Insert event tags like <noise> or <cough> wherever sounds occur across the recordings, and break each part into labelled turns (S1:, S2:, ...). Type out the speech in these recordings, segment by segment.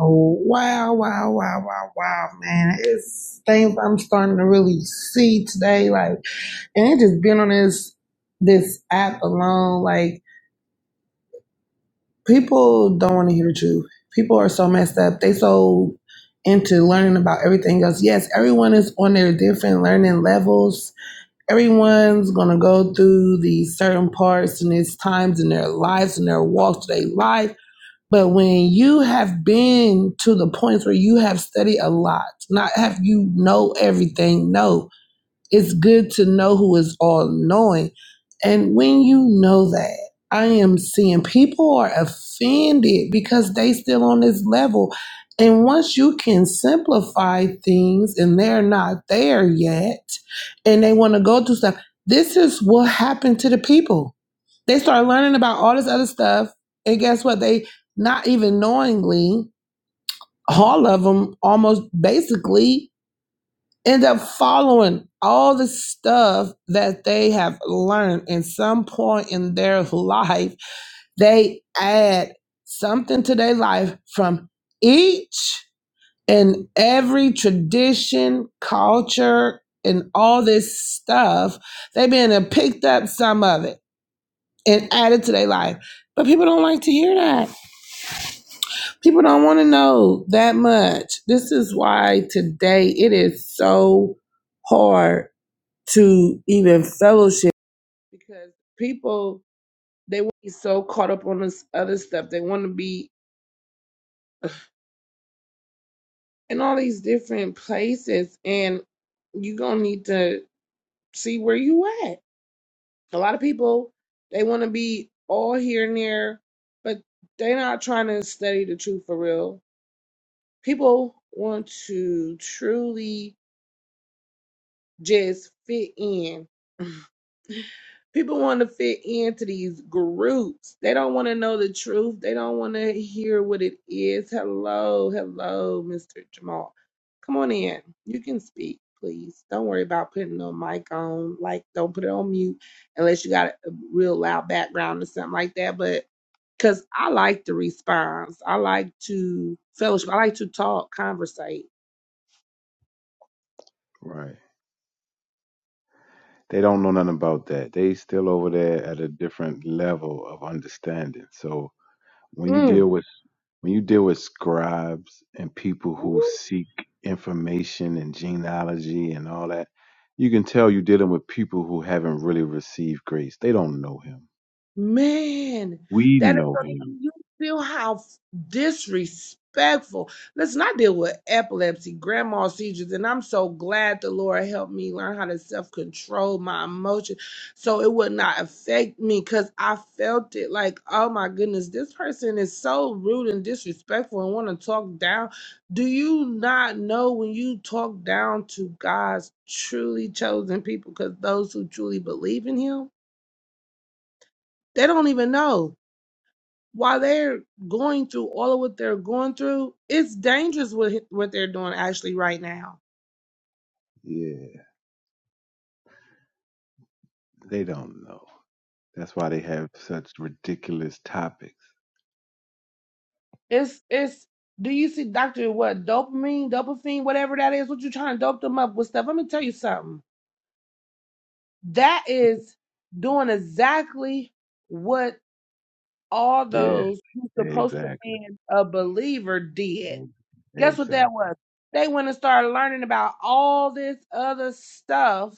S1: Oh wow, wow, wow, wow, wow, man! It's things I'm starting to really see today, like, and it just being on this this app alone, like people don't want to hear the truth. People are so messed up. They so into learning about everything else. Yes, everyone is on their different learning levels. Everyone's gonna go through these certain parts and these times in their lives and their walks of their life but when you have been to the point where you have studied a lot, not have you know everything, no, it's good to know who is all knowing. And when you know that, I am seeing people are offended because they still on this level. And once you can simplify things and they're not there yet and they want to go through stuff, this is what happened to the people. They start learning about all this other stuff. And guess what? They not even knowingly, all of them almost basically end up following all the stuff that they have learned in some point in their life they add something to their life from each and every tradition culture and all this stuff they've been and picked up some of it and added to their life but people don't like to hear that people don't want to know that much this is why today it is so hard to even fellowship because people they want to be so caught up on this other stuff. They want to be in all these different places and you're gonna need to see where you at. A lot of people they wanna be all here and there, but they're not trying to study the truth for real. People want to truly just fit in. <laughs> People want to fit into these groups. They don't want to know the truth. They don't want to hear what it is. Hello, hello, Mr. Jamal. Come on in. You can speak, please. Don't worry about putting no mic on. Like, don't put it on mute unless you got a real loud background or something like that. But because I like the response, I like to fellowship, I like to talk, conversate.
S2: Right. They don't know nothing about that. They still over there at a different level of understanding. So when you
S1: Mm.
S2: deal with when you deal with scribes and people who seek information and genealogy and all that, you can tell you're dealing with people who haven't really received grace. They don't know him.
S1: Man,
S2: We
S1: that
S2: know
S1: is
S2: him.
S1: you feel how disrespectful. Listen, I deal with epilepsy, grandma seizures, and I'm so glad the Lord helped me learn how to self-control my emotions so it would not affect me because I felt it like, oh my goodness, this person is so rude and disrespectful and want to talk down. Do you not know when you talk down to God's truly chosen people, because those who truly believe in him, they don't even know while they're going through all of what they're going through, it's dangerous what what they're doing actually right now.
S2: Yeah. They don't know. That's why they have such ridiculous topics.
S1: It's it's do you see doctor what dopamine, dopamine, whatever that is, what you trying to dope them up with stuff. Let me tell you something. That is doing exactly what all
S2: Yeah.
S1: those who's supposed to
S2: Exactly.
S1: be a believer did. Guess what that
S2: Exactly.
S1: was? They went and started learning about all this other stuff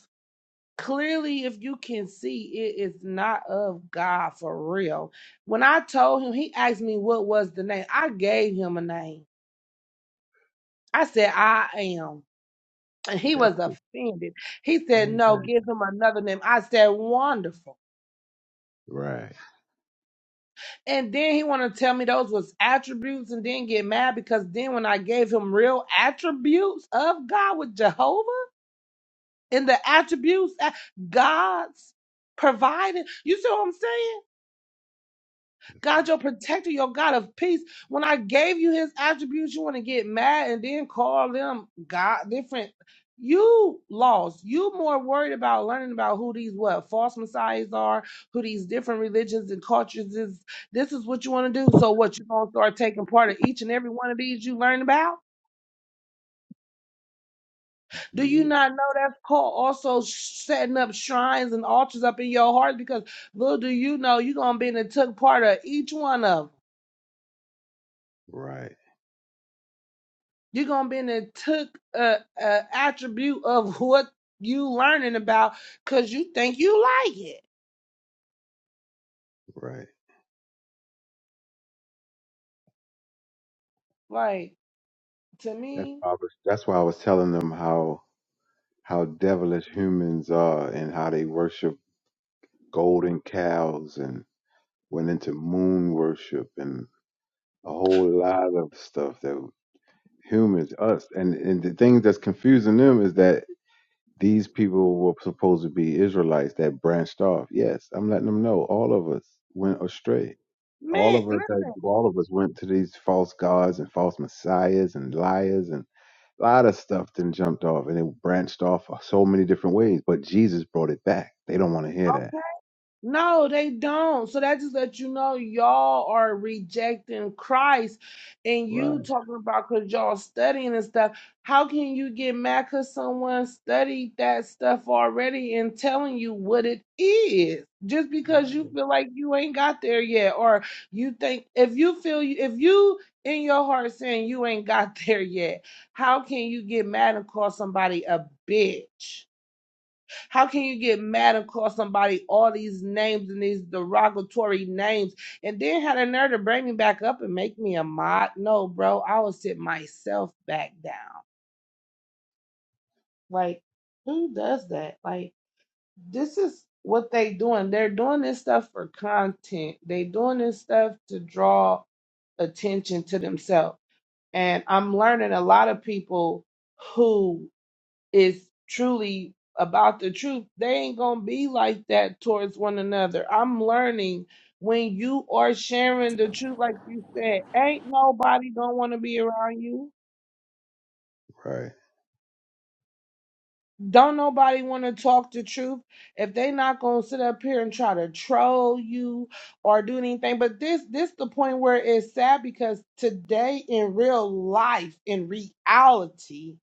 S1: clearly if you can see it is not of god for real when i told him he asked me what was the name i gave him a name i said i am and he
S2: That's
S1: was
S2: it.
S1: offended he said no
S2: Exactly.
S1: give him another name i said wonderful
S2: Right.
S1: and then he wanted to tell me those was attributes and then get mad because then when i gave him real attributes of god with jehovah and the attributes that god's provided you see what i'm saying God, your protector, your God of peace. When I gave you his attributes, you want to get mad and then call them God different. You lost. You more worried about learning about who these what false messiahs are, who these different religions and cultures is. This is what you want to do. So what you gonna start taking part of each and every one of these you learn about? Do you
S2: Yeah,
S1: not know that's called also setting up shrines and altars up in your heart? Because little do you know you're gonna be in the took part of each one of them.
S2: right,
S1: You're gonna be in the took uh, uh, attribute of <laughs> what you learning about because you think you like it.
S2: right.
S1: Like to
S2: That's
S1: me,
S2: why I was, that's why I was telling them how how devilish humans are and how they worship golden cows and went into moon worship and a whole lot of stuff that humans us and and the thing that's confusing them is that these people were supposed to be Israelites that branched off. Yes, I'm letting them know all of us went astray. All
S1: man,
S2: of us, had-
S1: listen,
S2: all of us went to these false gods and false messiahs and liars and. A lot of stuff then jumped off and it branched off so many different ways, but Jesus brought it back. They don't want to hear
S1: okay?
S2: that.
S1: No, they don't. So that just lets you know y'all are rejecting Christ and
S2: Right,
S1: you talking about because y'all studying and stuff. How can you get mad because someone studied that stuff already and telling you what it is? Just because
S2: right,
S1: you feel like you ain't got there yet, or you think if you feel you, if you in your heart saying you ain't got <laughs> there yet, how can you get mad and call somebody a bitch? How can you get mad and call somebody all these names and these derogatory names and then had a nerve to bring me back up and make me a mod? No, bro, I will sit myself back down. Like, who does that? Like, this is what they doing. They're doing this stuff for content. They doing this stuff to draw attention to themselves. And I'm learning a lot of people who. is truly about the truth, they ain't gonna be like that towards one another. I'm learning when you are sharing the truth, like you said, ain't nobody gonna wanna be around you.
S2: right,
S1: Don't nobody wanna talk the truth if they not gonna sit up here and try to troll you or do anything. But this this the point where it's sad because today in real life, in reality,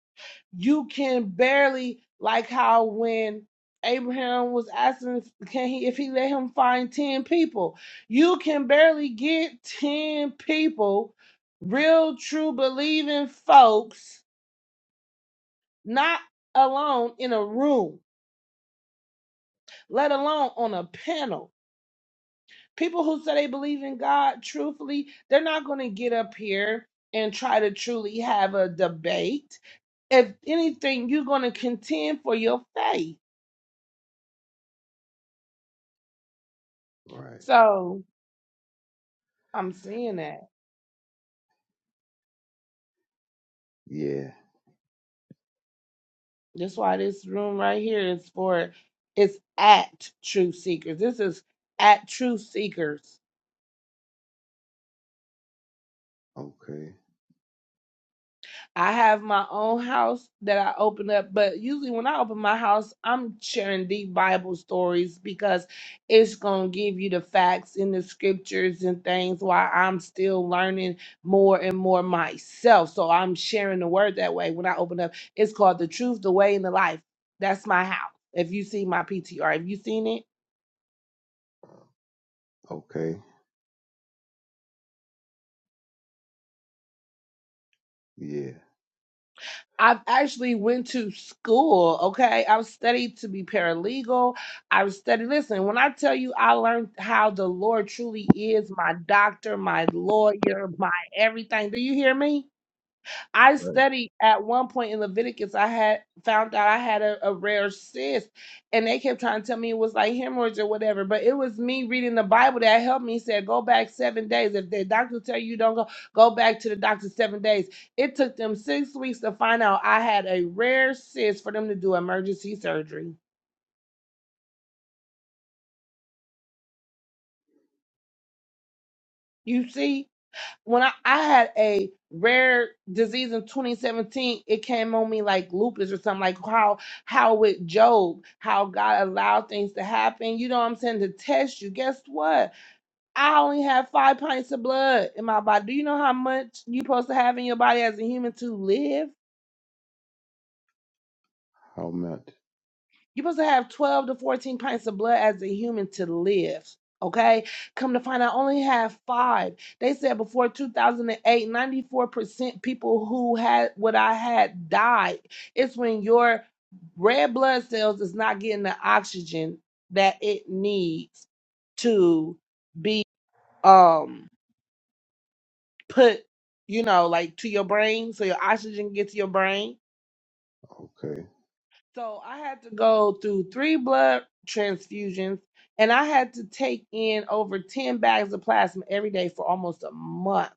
S1: you can barely like how when Abraham was asking if- can he if he let him find 10 people you can barely get 10 people real true believing folks not alone in a room let alone on a panel people who say they believe in God truthfully they're not going to get up here and try to truly have a debate if anything you're going to contend for your faith
S2: right.
S1: so I'm seeing that.
S2: Yeah.
S1: That's why this room right here is for it's at Truth Seekers. This is at Truth Seekers.
S2: Okay.
S1: I have my own house that I open up, but usually when I open my house, I'm sharing deep Bible stories because it's gonna give you the facts in the scriptures and things while I'm still learning more and more myself. So I'm sharing the word that way when I open up. It's called the truth, the way, and the life. That's my house. If you see my PTR, have you seen it?
S2: Okay. Yeah.
S1: I've actually went to school, okay? I've studied to be paralegal. I've studied listen, when I tell you I learned how the Lord truly is my doctor, my lawyer, my everything. Do you hear me?
S2: That's
S1: I
S2: right.
S1: studied at one point in Leviticus. I had found out I had a, a rare cyst, and they kept trying to tell me it was like hemorrhage or whatever. But it was me reading the Bible that helped me. Said go back seven days. If the doctor tell you don't go, go back to the doctor seven days. It took them six weeks to find out I had a rare cyst for them to do emergency surgery. You see. when I, I had a rare disease in 2017, it came on me like lupus or something, like how how with Job, how God allowed things to happen, you know what I'm saying, to test you. Guess what? I only have five pints of blood in my body. Do you know how much you're supposed to have in your body as a human to live?
S2: How much?
S1: You're supposed to have 12 to 14 pints of blood as a human to live. Okay? Come to find out, I only have five. They said before two thousand and eight, ninety four percent people who had what I had died. It's when your red blood cells is not getting the oxygen that it needs to be um put, you know, like to your brain. So your oxygen gets to your brain
S2: Okay.
S1: So I had to go through three blood transfusions and I had to take in over 10 bags of plasma every day for almost a month.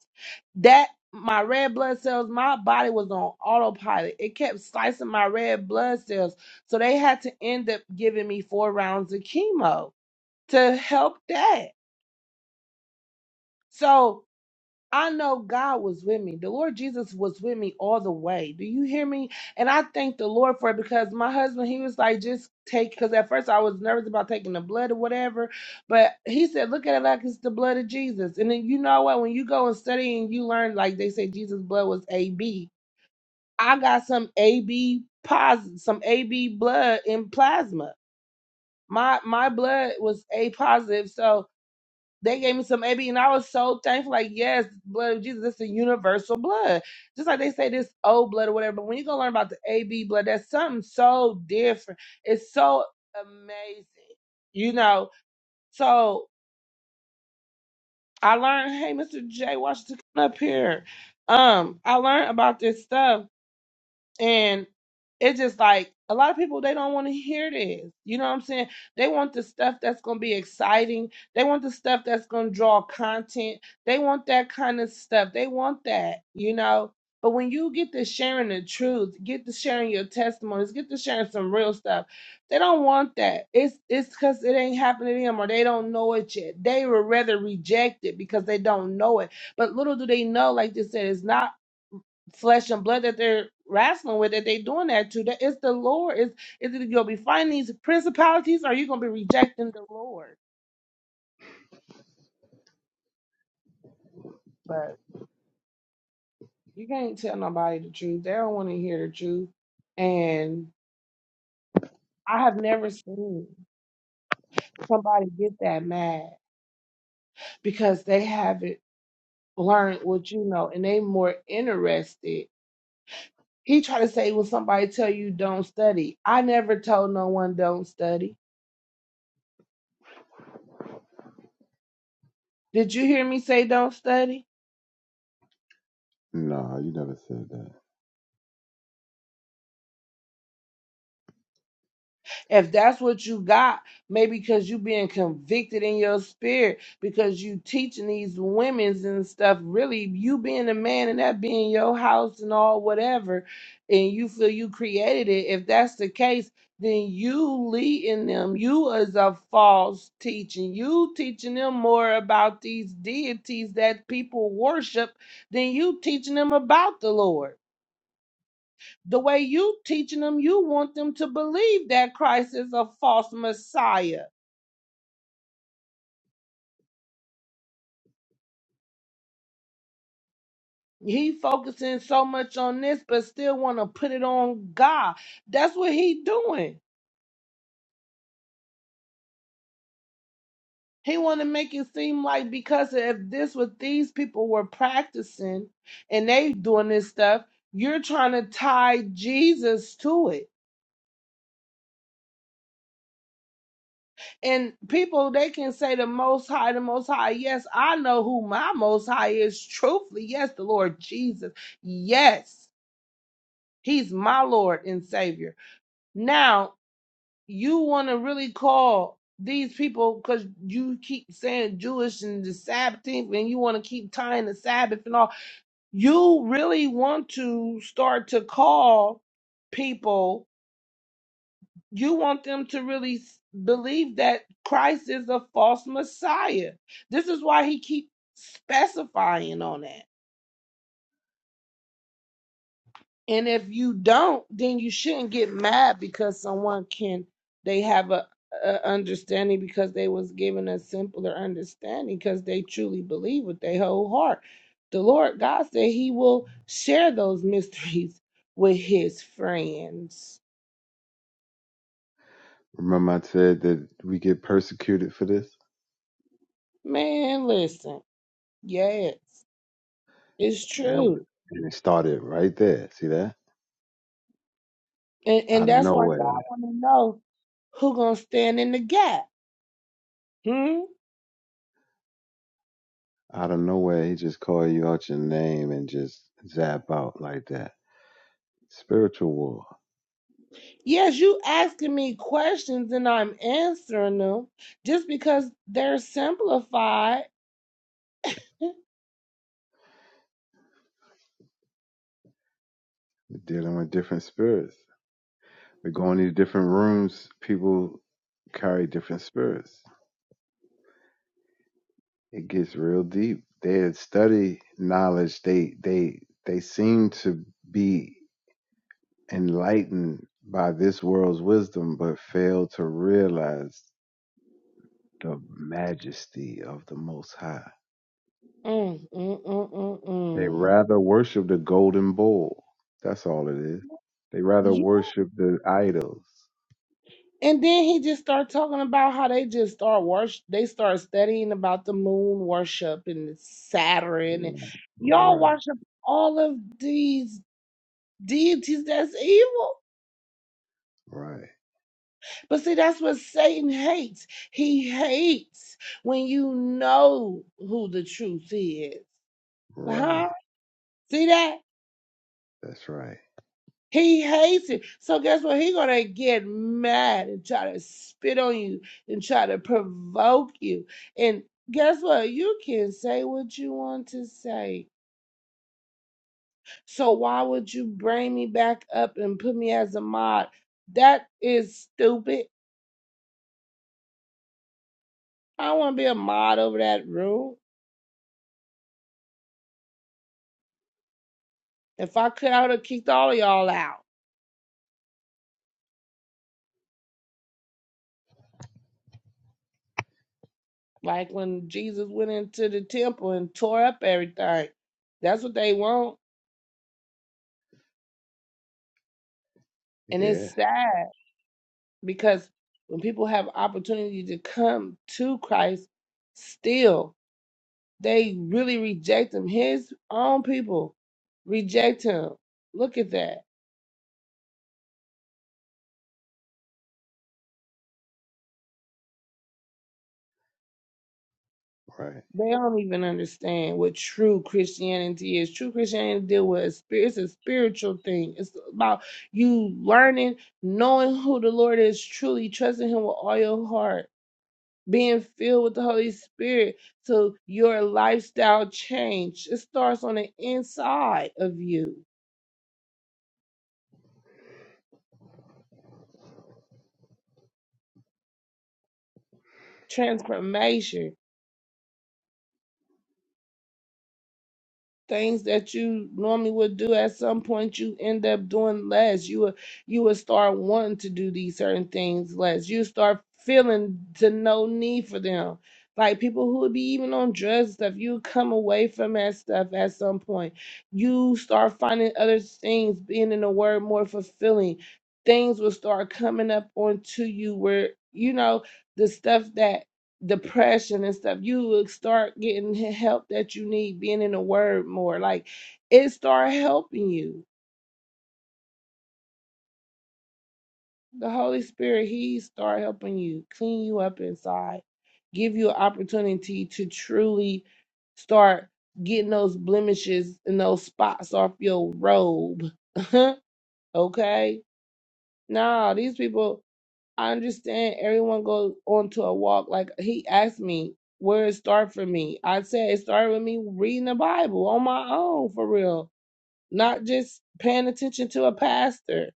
S1: That my red blood cells, my body was on autopilot. It kept slicing my red blood cells. So they had to end up giving me four rounds of chemo to help that. So I know God was with me. The Lord Jesus was with me all the way. Do you hear me? And I thank the Lord for it because my husband, he was like, just take, because at first I was nervous about taking the blood or whatever. But he said, look at it like it's the blood of Jesus. And then you know what? When you go and study and you learn, like they say, Jesus' blood was A B. I got some AB positive, some AB blood in plasma. My my blood was A positive. So they gave me some AB, and I was so thankful. Like, yes, blood of Jesus, it's a universal blood. Just like they say this old blood or whatever. But when you go learn about the AB blood, that's something so different. It's so amazing, you know. So I learned, hey, Mr. J. Washington, come up here. Um, I learned about this stuff and it's just like a lot of people they don't want to hear this. You know what I'm saying? They want the stuff that's gonna be exciting. They want the stuff that's gonna draw content. They want that kind of stuff. They want that, you know. But when you get to sharing the truth, get to sharing your testimonies, get to sharing some real stuff, they don't want that. It's it's because it ain't happened to them or they don't know it yet. They would rather reject it because they don't know it. But little do they know, like they said, it's not flesh and blood that they're wrestling with that they're doing that to. That it's the Lord. Is is it you'll be fighting these principalities or you gonna be rejecting the Lord? But you can't tell nobody the truth. They don't want to hear the truth. And I have never seen somebody get that mad because they haven't learned what you know and they more interested. He tried to say when somebody tell you don't study. I never told no one don't study. Did you hear me say don't study?
S2: Nah, you never said that.
S1: If that's what you got, maybe because you being convicted in your spirit, because you teaching these women's and stuff, really you being a man and that being your house and all whatever, and you feel you created it. If that's the case, then you leading them. You as a false teaching. You teaching them more about these deities that people worship than you teaching them about the Lord. The way you teaching them, you want them to believe that Christ is a false Messiah. He focusing so much on this, but still want to put it on God. That's what he doing. He want to make it seem like because if this what these people were practicing and they doing this stuff, you're trying to tie Jesus to it. And people, they can say the Most High, the Most High. Yes, I know who my Most High is. Truthfully, yes, the Lord Jesus. Yes. He's my Lord and Savior. Now, you want to really call these people because you keep saying Jewish and the Sabbath, and you want to keep tying the Sabbath and all. You really want to start to call people, you want them to really s- believe that Christ is a false Messiah. This is why he keeps specifying on that. And if you don't, then you shouldn't get mad because someone can they have a, a understanding because they was given a simpler understanding because they truly believe with their whole heart. The Lord God said He will share those <laughs> mysteries with His friends.
S2: Remember I said that we get persecuted for this?
S1: Man, listen, yes, it's
S2: That was-
S1: true,
S2: and it started right there. See that?
S1: and and
S2: Out of
S1: that's why
S2: nowhere.
S1: God want to know who gonna stand in the gap. Hmm?
S2: Out of nowhere he just called you out your name and just zap out like that. Spiritual war.
S1: Yes, you asking me questions and I'm answering them just because they're simplified. Mm,
S2: dealing with different spirits. We're going into different rooms. People carry different spirits. It gets real deep. They study knowledge. They they they seem to be enlightened by this world's wisdom, but fail to realize the majesty of the Most High.
S1: mm, mm, mm,
S2: They
S1: mm.
S2: rather worship the golden bull. That's all it is. They rather
S1: You,
S2: worship the idols.
S1: and then he just start talking about how they just start worship. They start studying about the moon worship and Saturn and
S2: Yeah.
S1: y'all
S2: Right,
S1: worship all of these deities that's evil.
S2: right,
S1: But see, that's what Satan hates. He hates when you know who the truth is. huh?
S2: right.
S1: See that?
S2: That's right.
S1: He hates it. So guess what? He gonna get mad and try to spit on you and try to provoke you. And guess what? You can say what you want to say. So why would you bring me back up and put me as a mod? That is stupid. I don't wanna be a mod over that room. If I could, I would have kicked all of y'all out. Like when Jesus went into the temple and tore up everything. That's what they want. And it's
S2: Yeah.
S1: sad. because when people have opportunity to come to Christ, still they really reject him. His own people reject him. Look at that.
S2: Right.
S1: They don't even understand what true Christianity is. True Christianity deal with a spirit. It's a spiritual thing. It's about you learning, knowing who the Lord is, truly trusting Him with all your heart being filled with the Holy Spirit to your lifestyle change. It starts on the inside of you. Transformation. things that you normally would do at some point you end up doing less you will you will start wanting to do these certain things less you start feeling to no need for them like people who would be even on drugs and stuff you come away from that stuff at some point you start finding other things being in the word more fulfilling things will start coming up onto you where you know the stuff that depression and stuff, you will start getting the help that you need, being in the word more. Like it start helping you. The Holy Spirit, He start helping you, clean you up inside, give you an opportunity to truly start getting those blemishes and those spots off your robe. <laughs> okay? Nah, these people I understand everyone goes on to a walk. Like he asked me, where it start for me? I said it started with me reading the Bible on my own for real, not just paying attention to a pastor,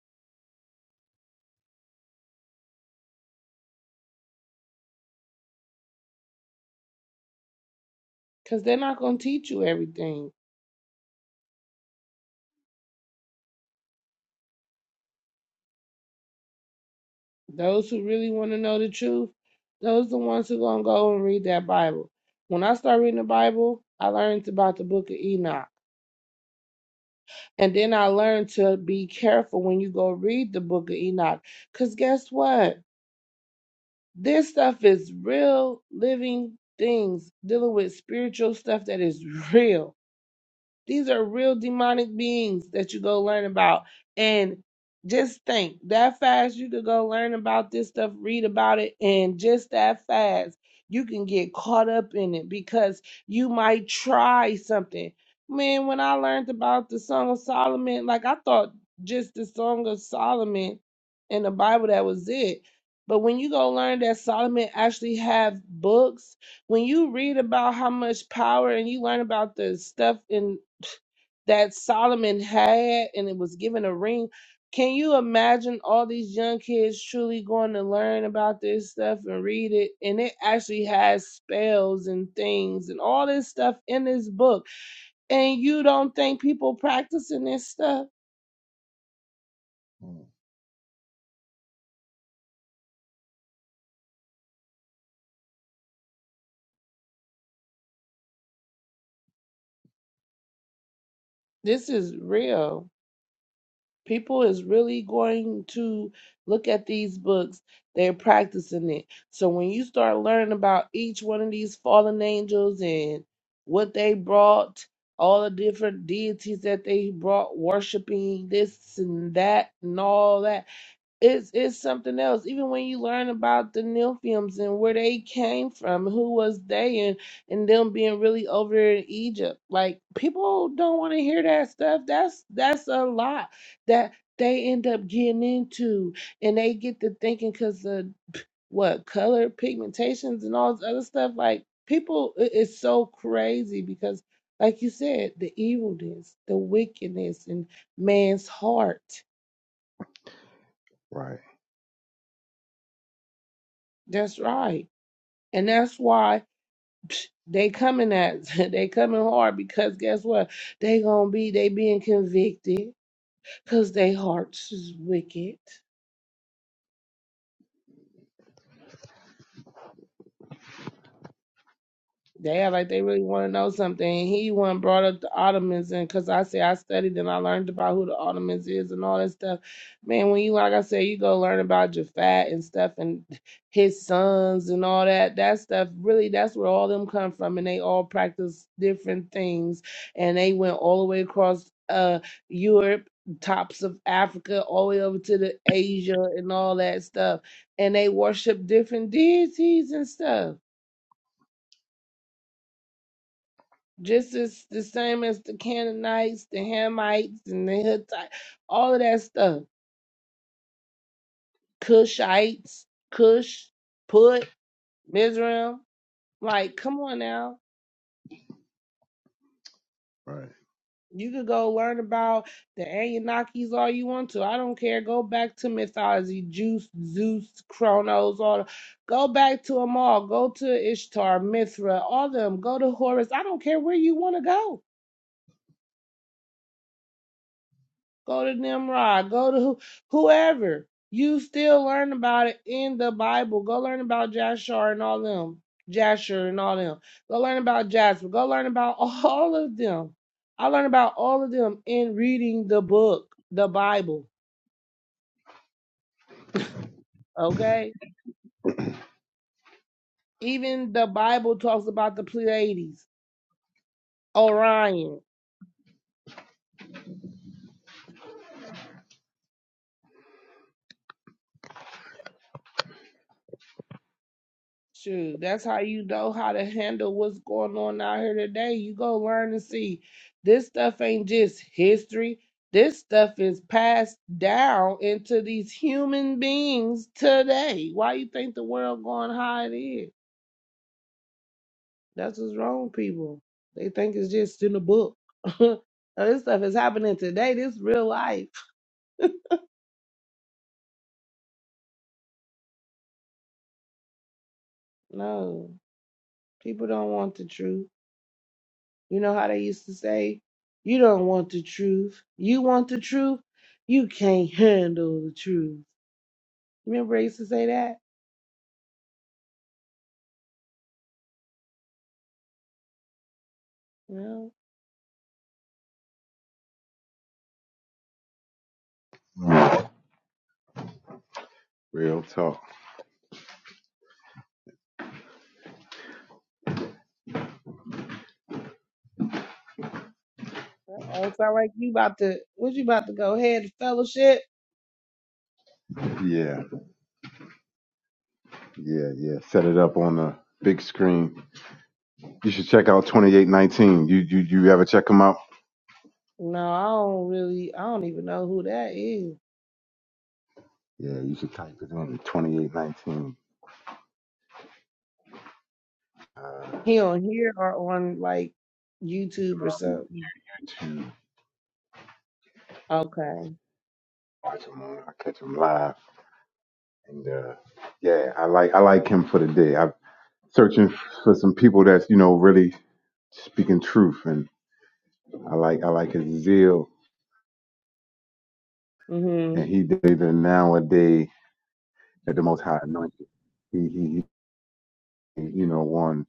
S1: because they're not gonna teach you everything. Those who really want to know the truth, those are the ones who gonna go and read that Bible. When I started reading the Bible, I learned about the book of Enoch. And then I learned to be careful when you go read the book of Enoch. Because guess what? This stuff is real living things dealing with spiritual stuff that is real. These are real demonic beings that you go learn about. And just think that fast you could go learn about this stuff, read about it, and just that fast you can get caught up in it because you might try something. Man, when I learned about the Song of Solomon, like I thought just the Song of Solomon and the Bible, that was it. But when you go learn that Solomon actually have books when you read about how much power and you learn about the stuff in that Solomon had and it was given a ring. Can you imagine all these young kids truly going to learn about this stuff and read it? And it actually has spells and things and all this stuff in this book. And you don't think people practicing this stuff?
S2: Mm.
S1: This is real. people is really going to look at these books they're practicing it so when you start learning about each one of these fallen angels and what they brought all the different deities that they brought worshiping this and that and all that it's it's something else. Even when you learn about the Nilfiums and where they came from, who was they, and and them being really over in Egypt, like people don't want to hear that stuff. That's that's a lot that they end up getting into, and they get to thinking because of what color pigmentations and all this other stuff. Like people, it- it's so crazy because, like you said, the evilness, the wickedness in man's heart.
S2: Right.
S1: That's right And that's why psh, they coming at <laughs> they coming hard because guess what? They gonna be they being convicted because they hearts is wicked. They act like they really want to know something. He one brought up the Ottomans, and because I say I studied and I learned about who the Ottomans is and all that stuff. Man, when you like I said, you go learn about Jafat and stuff and his sons and all that. That stuff really, that's where all them come from, and they all practice different things, and they went all the way across uh Europe, tops of Africa, all the way over to the Asia and all that stuff, and they worship different deities and stuff. just as the same as the Canaanites, the Hamites, and the Hittites, all of that stuff. Cushites, Cush, Put, Mizraim. Like, come on now.
S2: Right.
S1: You could go learn about the Anunnakis all you want to. I don't care. Go back to mythology, Juice, Zeus, Chronos, all. the- Go back to them all. Go to Ishtar, Mithra, all of them. Go to Horus. I don't care where you want to go Go to Nimrod. Go to who, whoever. You still learn about it in the Bible. Go learn about Jashar and all them. Jasher and all them. Go learn about Jasper. Go learn about <laughs> all of them. I learned about all of them in reading the book, the Bible. Okay? Even the Bible talks about the Pleiades, Orion. Shoot, that's how you know how to handle what's going on out here today. You go learn and see this stuff ain't just history. This stuff is passed down into these human beings today. Why you think the world going how it is? That's what's wrong with people. They think it's just in a book. <laughs> No, this stuff is happening today. This real life. No, people don't want the truth. You know how they used to say, you don't want the truth. You want the truth? You can't handle the truth. Remember they used to say that? No.
S2: Mm. Real talk.
S1: Oh, it's not like you about to what you about to go ahead to fellowship?
S2: Yeah. Yeah. Yeah. Set it up on the big screen. You should check out 2819. You you you ever check them out?
S1: No, I don't really I don't even know who that is.
S2: Yeah. You should type it in 2819. Uh,
S1: He on here or on like YouTube or something.
S2: YouTube.
S1: Okay.
S2: Watch him on. I catch him live. And uh, yeah, I like I like him for the day. I'm searching for some people that's you know really speaking truth, and I like I like his zeal. And
S1: Mhm.
S2: he did it nowadays. at the Most High Anointed. He, he, you know, one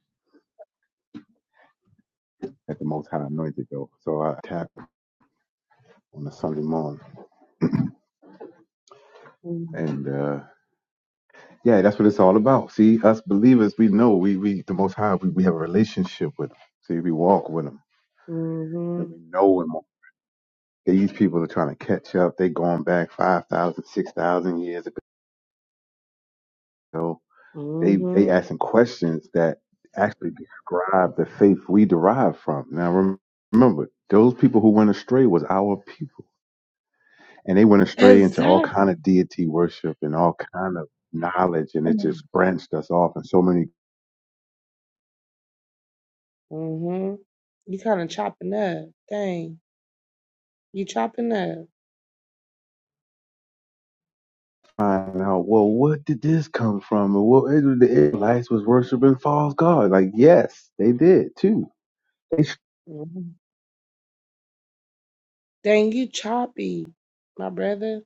S2: at the Most High Anointed though. So I tap on a Sunday morning,
S1: Mhm.
S2: and uh, yeah, that's what it's all about. See, us believers, we know we we the Most High, we, we have a relationship with Him. See, we walk with Him, and
S1: Mhm.
S2: we know Him. These people are trying to catch up. They going back 5,000, 6,000 years ago. They they
S1: Mhm.
S2: asking questions that actually describe the faith we derive from. Now remember, those people who went astray was our people. and they went astray into all
S1: Exactly.
S2: kind of deity worship and all kind of knowledge and it just branched us off and so many
S1: Mhm. You kind of chopping up. Dang. You chopping up.
S2: find out well what did this come from Well, the israelites was worshiping false gods like yes they did too they sh-
S1: Mhm. Dang, you choppy, my brother.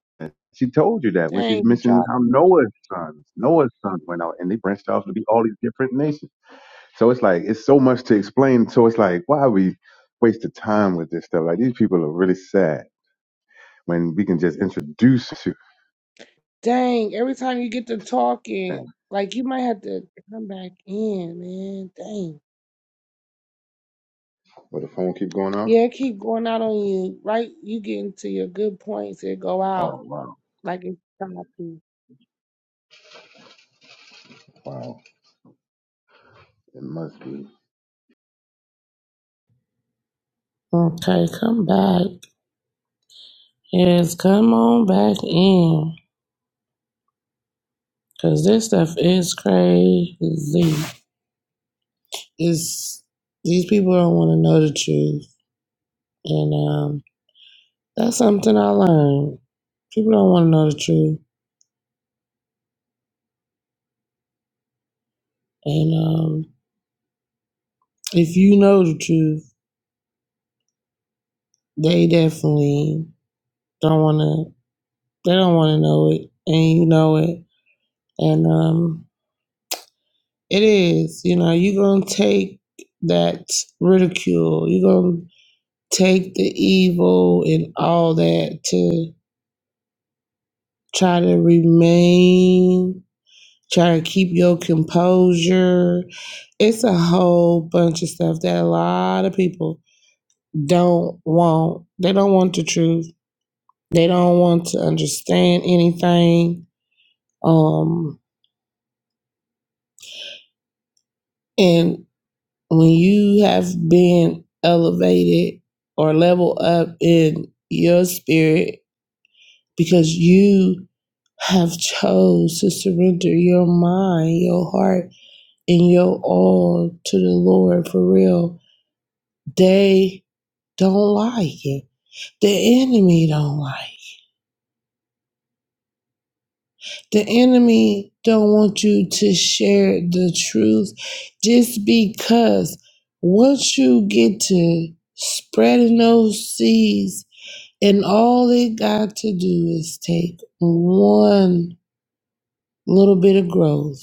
S2: she told you that when she's
S1: Dang, you
S2: mentioning how
S1: choppy.
S2: noah's sons noah's sons went out and they branched off to be all these different nations so it's like it's so much to explain so it's like why are we waste time with this stuff like these people are really sad when we can just introduce you.
S1: Dang, every time you get to talking, like you might have to come back in, man. Dang.
S2: But the phone keep going off?
S1: Yeah, it keep going out on you. Right, you getting to your good points, it go out
S2: Oh wow,
S1: like it's choppy.
S2: wow. Wow. It must be.
S1: Okay, come back. Yes, come on back in. Cause this stuff is crazy. It's these people don't want to know the truth. And um That's something I learned. People don't want to know the truth. And um, if you know the truth, they definitely don't want to, they don't want to know it. And you know it. And um, it is, you know, you're going to take that ridicule. You're going to take the evil and all that to try to remain, try to keep your composure. It's a whole bunch of stuff that a lot of people don't want they don't want the truth they don't want to understand anything um and when you have been elevated or level up in your spirit because you have chose to surrender your mind your heart and your all to the lord for real they don't like it the enemy don't like The enemy don't want you to share the truth just because once you get to spreading those seeds and all it got to do is take one little bit of growth.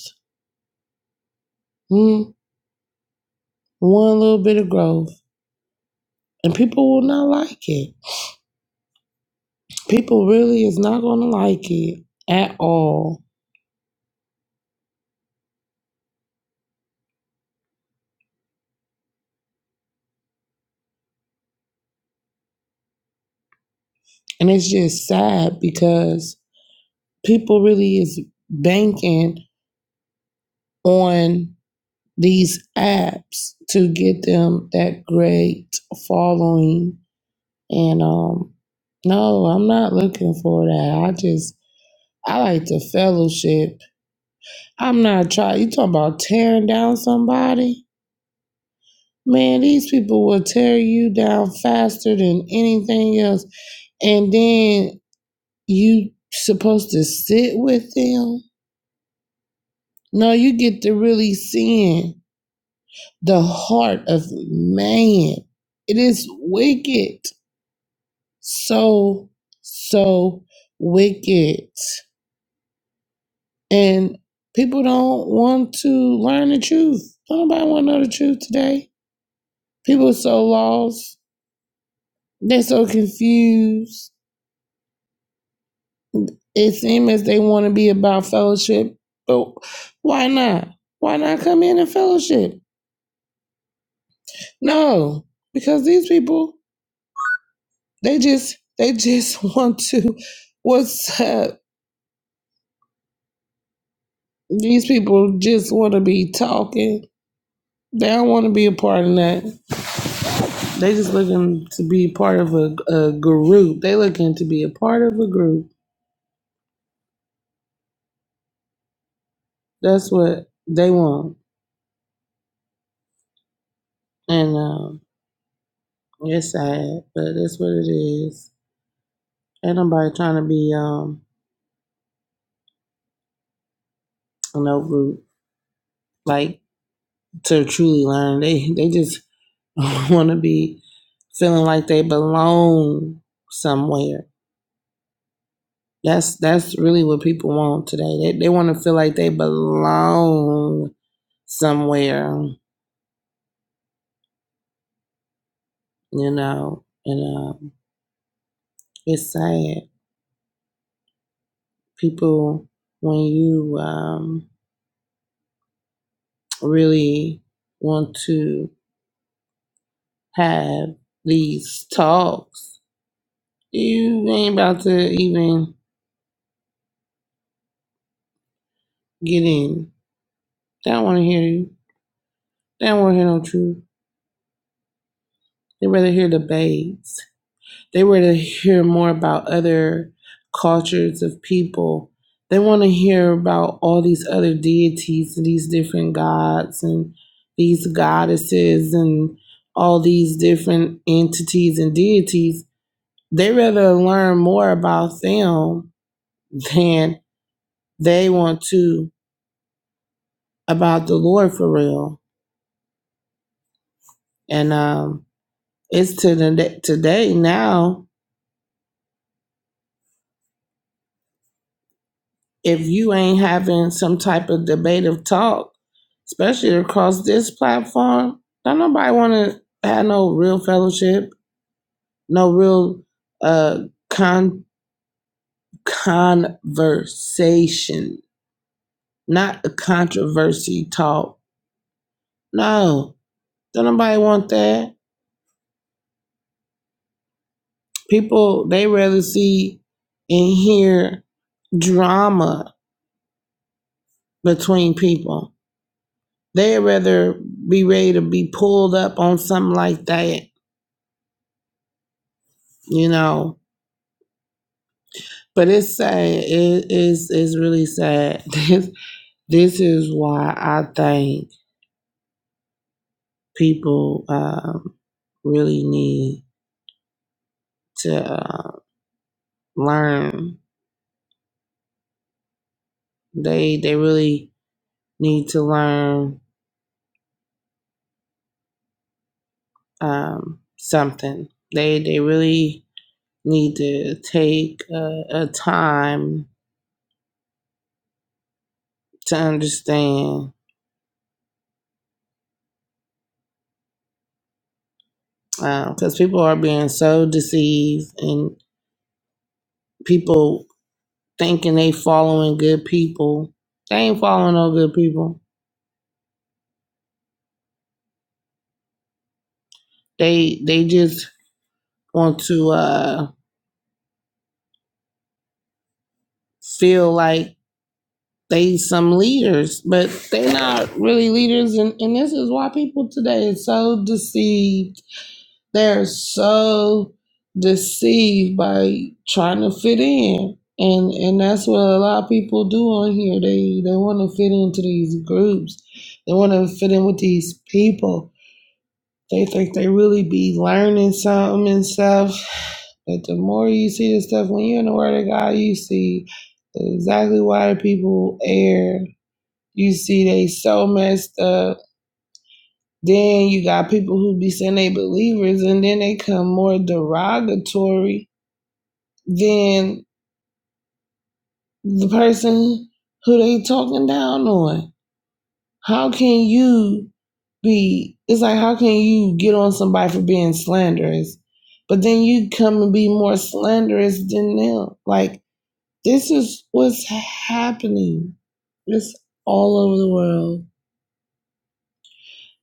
S1: mm, One little bit of growth. And people will not like it. People really is not gonna like it at all. And it's just sad because people really is banking on these apps to get them that great following. And um, no, I'm not looking for that. I just I like the fellowship. I'm not trying. You talking about tearing down somebody? Man, these people will tear you down faster than anything else. And then you supposed to sit with them? No, you get to really seeing the heart of man. It is wicked so, so wicked. And people don't want to learn the truth. Nobody want to know the truth today. People are so lost. They're so confused. It seems as they want to be about fellowship, but why not? Why not come in and fellowship? No, because these people, they just, they just <laughs> want to, what's up? These people just want to be talking. They don't want to be a part of that. They just looking to be part of a, a group. They looking to be a part of a group. That's what they want. And um, it's sad, but that's what it is. Ain't nobody trying to be um in no group like to truly learn. They they just <laughs> want to be feeling like they belong somewhere. That's that's really what people want today. They they want to feel like they belong somewhere. You know, and uh, it's sad. People, when you um, really want to have these talks, you ain't about to even get in. They don't want to hear you. They don't want to hear no truth. They rather hear the babes. They were to hear more about other cultures of people. They want to hear about all these other deities and these different gods and these goddesses and all these different entities and deities. They rather learn more about them than they want to about the Lord for real. And um, it's to the today now. if you ain't having some type of debative talk, especially across this platform, don't nobody want to have no real fellowship, no real uh con conversation, not a controversy talk. No, don't nobody want that. People they rather see and hear drama between people. They'd rather be ready to be pulled up on something like that you know. But it's sad. It is it's really sad. <laughs> This this is why I think people um, really need to uh, learn. They they really need to learn um, something. They they really need to take a, a time to understand because um, people are being so deceived and people thinking they following good people. They ain't following no good people. They they just want to uh feel like they some leaders, but they not really leaders and, and this is why people today is so deceived. They're so deceived by trying to fit in. And and that's what a lot of people do on here. They they want to fit into these groups. They want to fit in with these people They think they really be learning something and stuff. But the more you see this stuff, when you're in the Word of God, you see exactly why the people err. You see they so messed up. Then you got people who be saying they believers, and then they come more derogatory than the person who they talking down on. How can you be? It's like how can you get on somebody for being slanderous, but then you come and be more slanderous than them? Like this is what's happening. It's all over the world.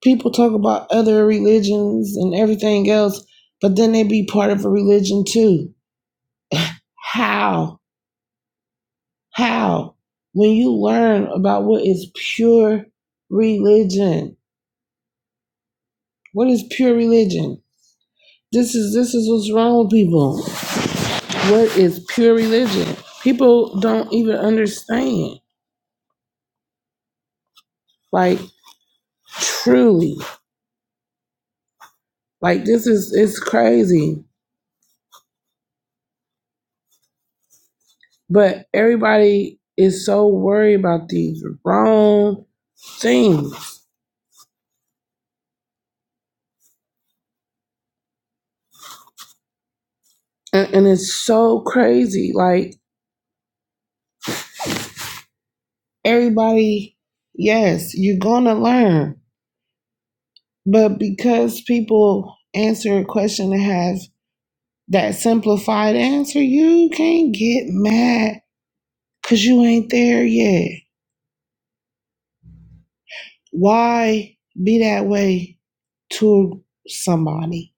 S1: People talk about other religions and everything else, but then they be part of a religion too. How? How? When you learn about what is pure religion, what is pure religion? This is this is what's wrong with people. What is pure religion? People don't even understand. Like truly. Like this is it's crazy. But everybody is so worried about these wrong things. And, and it's so crazy. Like everybody, yes, you're gonna learn. But because people answer a question that has that simplified answer, you can't get mad Cause you ain't there yet. Why be that way to somebody?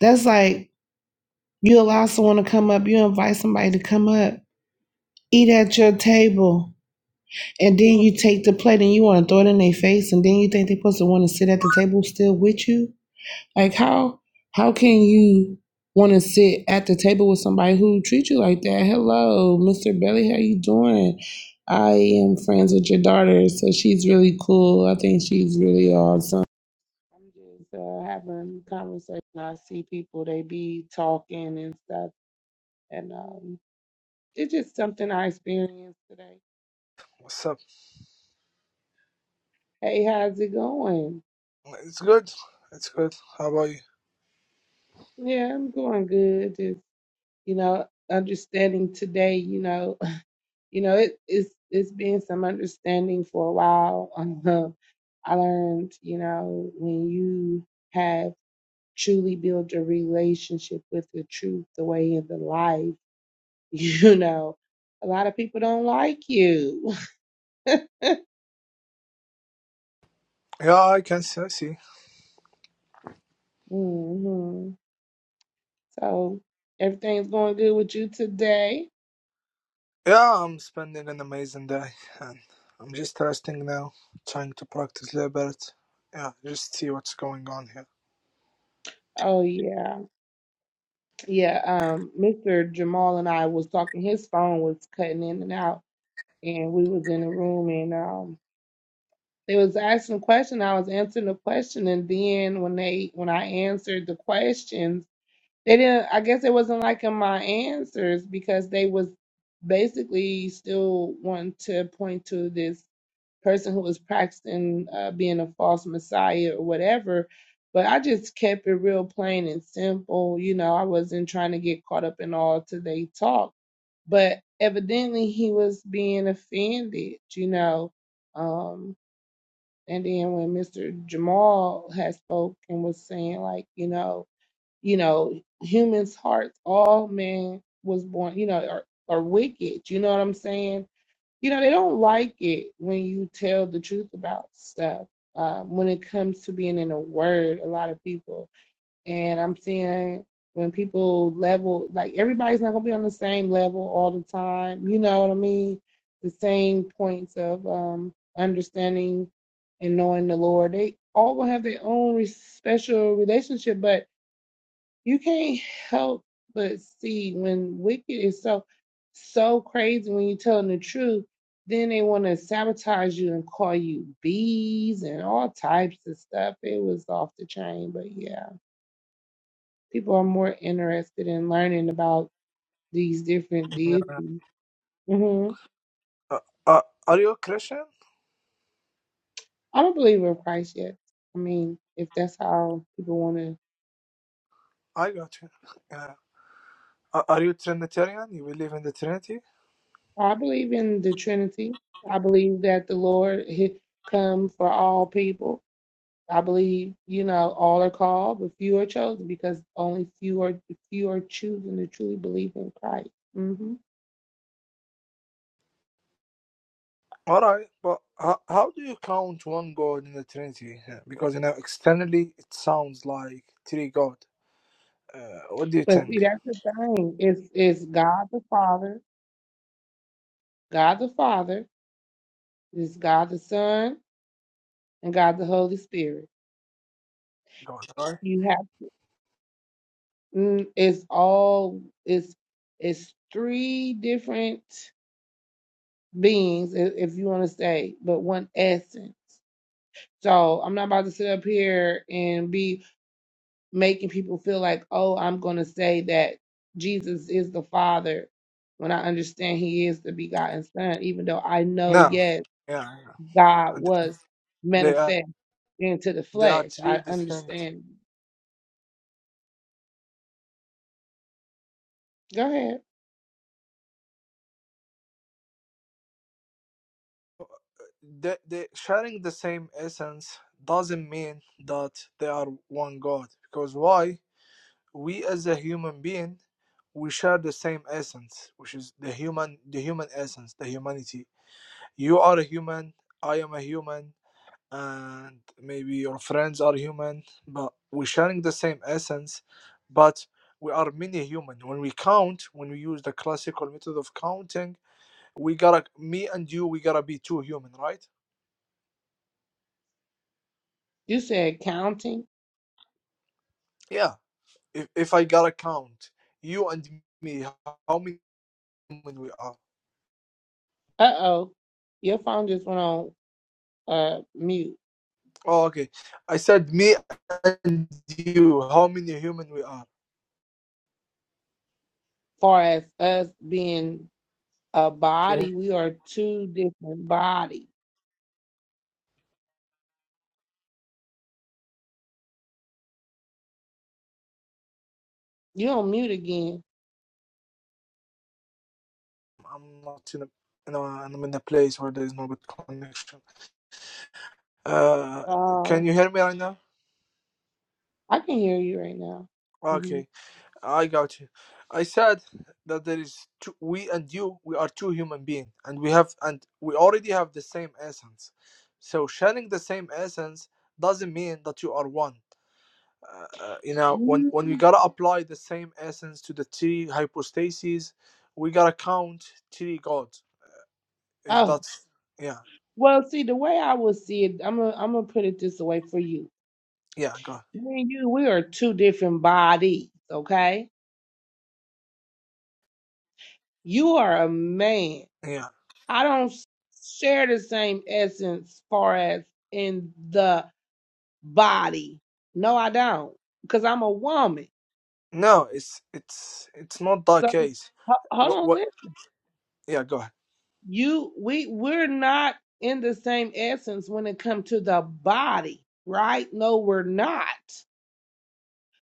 S1: That's like you allow someone to come up, you invite somebody to come up, eat at your table, and then you take the plate and you want to throw it in their face, and then you think they're supposed to want to sit at the table still with you? Like how how can you want to sit at the table with somebody who treats you like that? Hello, Mr. Belly, how you doing? I am friends with your daughter, so she's really cool. I think she's really awesome. I'm just uh, having conversation. I see people they be talking and stuff, and um, it's just something I experienced today.
S3: What's up?
S1: Hey, how's it going?
S3: It's good. It's good. How about you?
S1: Yeah, I'm going good. Just you know, understanding today. You know, you know, it, it's it's been some understanding for a while. Um, <laughs> I learned, you know, when you have truly built a relationship with the truth, the way of the life, <laughs> you know, a lot of people don't like you.
S3: Yeah, I can see. I see.
S1: <laughs> hmm So everything's going good with you today.
S3: Yeah, I'm spending an amazing day, and I'm just resting now, trying to practice a little bit. Yeah, just see what's going on here.
S1: Oh yeah, yeah. Um, Mr. Jamal and I was talking. His phone was cutting in and out, and we was in a room, and um. They was asking a question. I was answering the question, and then when they when I answered the questions, they didn't. I guess it wasn't liking my answers because they was basically still wanting to point to this person who was practicing uh, being a false messiah or whatever. But I just kept it real plain and simple. You know, I wasn't trying to get caught up in all today talk, but evidently he was being offended. You know. Um and then when Mr. Jamal had spoke and was saying like, you know, you know, humans' hearts, all men was born, you know, are, are wicked. You know what I'm saying? You know, they don't like it when you tell the truth about stuff. Uh, when it comes to being in the word, a lot of people and I'm seeing when people level, like everybody's not gonna be on the same level all the time. You know what I mean? The same points of um, understanding and knowing the Lord. They all gonna have their own special relationship, but you can't help but see when wicked is so so crazy when you're telling the truth. Then they want to sabotage you and call you bees and all types of stuff. It was off the chain, but yeah people are more interested in learning about these different
S3: Yeah.
S1: deities. hmm
S3: Uh, uh, are you a Christian?
S1: I'm a believer of Christ Yes, I mean, if that's how people want to,
S3: I got you. Yeah. Uh, are you Trinitarian? You believe in the Trinity?
S1: I believe in the Trinity. I believe that the Lord he come for all people. I believe, you know, all are called, but few are chosen because only few are few are choosing to truly believe in Christ. hmm
S3: All right, but how, how do you count one God in the Trinity? Yeah, because you know externally it sounds like three God. Uh, what do you
S1: But see,
S3: think?
S1: that's the thing. It's it's God the Father, God the Father, it's God the Son, and God the Holy Spirit.
S3: God, right?
S1: You have mm, it's all it's it's three different beings i- if you want to say, but one essence. So I'm not about to sit up here and be making people feel like, oh, I'm gonna say that Jesus is the Father when I understand He is the begotten Son, even though I know
S3: No.
S1: yes,
S3: Yeah.
S1: God
S3: Uh, Th-
S1: was
S3: They are
S1: manifest into the
S3: they are
S1: flesh.
S3: three
S1: I
S3: distinct.
S1: understand. Go ahead.
S3: They, they sharing the same essence doesn't mean that they are one God. Because why? We as a human being, we share the same essence, which is the human the human essence, the humanity. You are a human. I am a human. And maybe your friends are human, but we're sharing the same essence, but we are many human. When we count, when we use the classical method of counting, we gotta me and you we gotta be two human right
S1: You said counting.
S3: yeah if, if i gotta count you and me how many human we are
S1: Uh oh, your phone just went on uh mute.
S3: oh okay i said me and you how many human we are
S1: Far as us being a
S3: okay
S1: body, we are two different bodies. You on mute again?
S3: i'm not in a you know. i I'm in a place where there is no good connection uh can
S1: Oh,
S3: you hear me right now
S1: I can hear you right now. hmm
S3: Okay. I got you. I said that there is two, we and you. We are two human beings, and we have and we already have the same essence. So sharing the same essence doesn't mean that you are one. Uh, uh, you know, when when we gotta apply the same essence to the three hypostases, we gotta count three gods. If
S1: Oh,
S3: that's yeah,
S1: well, see the way I would see it, I'm gonna I'm gonna put it this way for you.
S3: yeah, God,
S1: Me and you, we are two different bodies. Okay, you are a man.
S3: yeah.
S1: I don't share the same essence. Far as in the body. No, I don't, because I'm a woman.
S3: No, it's it's it's not that
S1: So
S3: case.
S1: ho- hold
S3: What
S1: on,
S3: what?
S1: listen.
S3: Yeah, go ahead.
S1: You, we, we're not in the same essence when it comes to the body, right? No, we're not.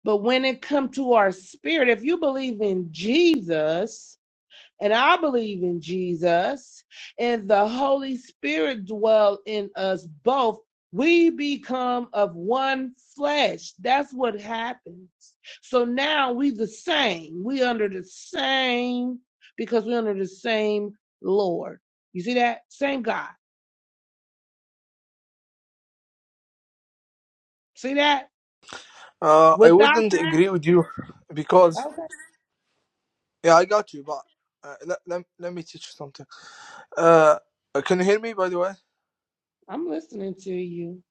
S1: But when it comes to our spirit, if you believe in Jesus, And I believe in Jesus and the Holy Spirit dwell in us both. We become of one flesh. That's what happens. So now we the same. We under the same because we under the same Lord. You see that? Same God. See that?
S3: Uh, I
S1: Without
S3: wouldn't
S1: that,
S3: agree with you because
S1: okay.
S3: Yeah, I got you, but uh, let, let, let me teach you something. Uh, can you hear me, by the way?
S1: I'm listening to you.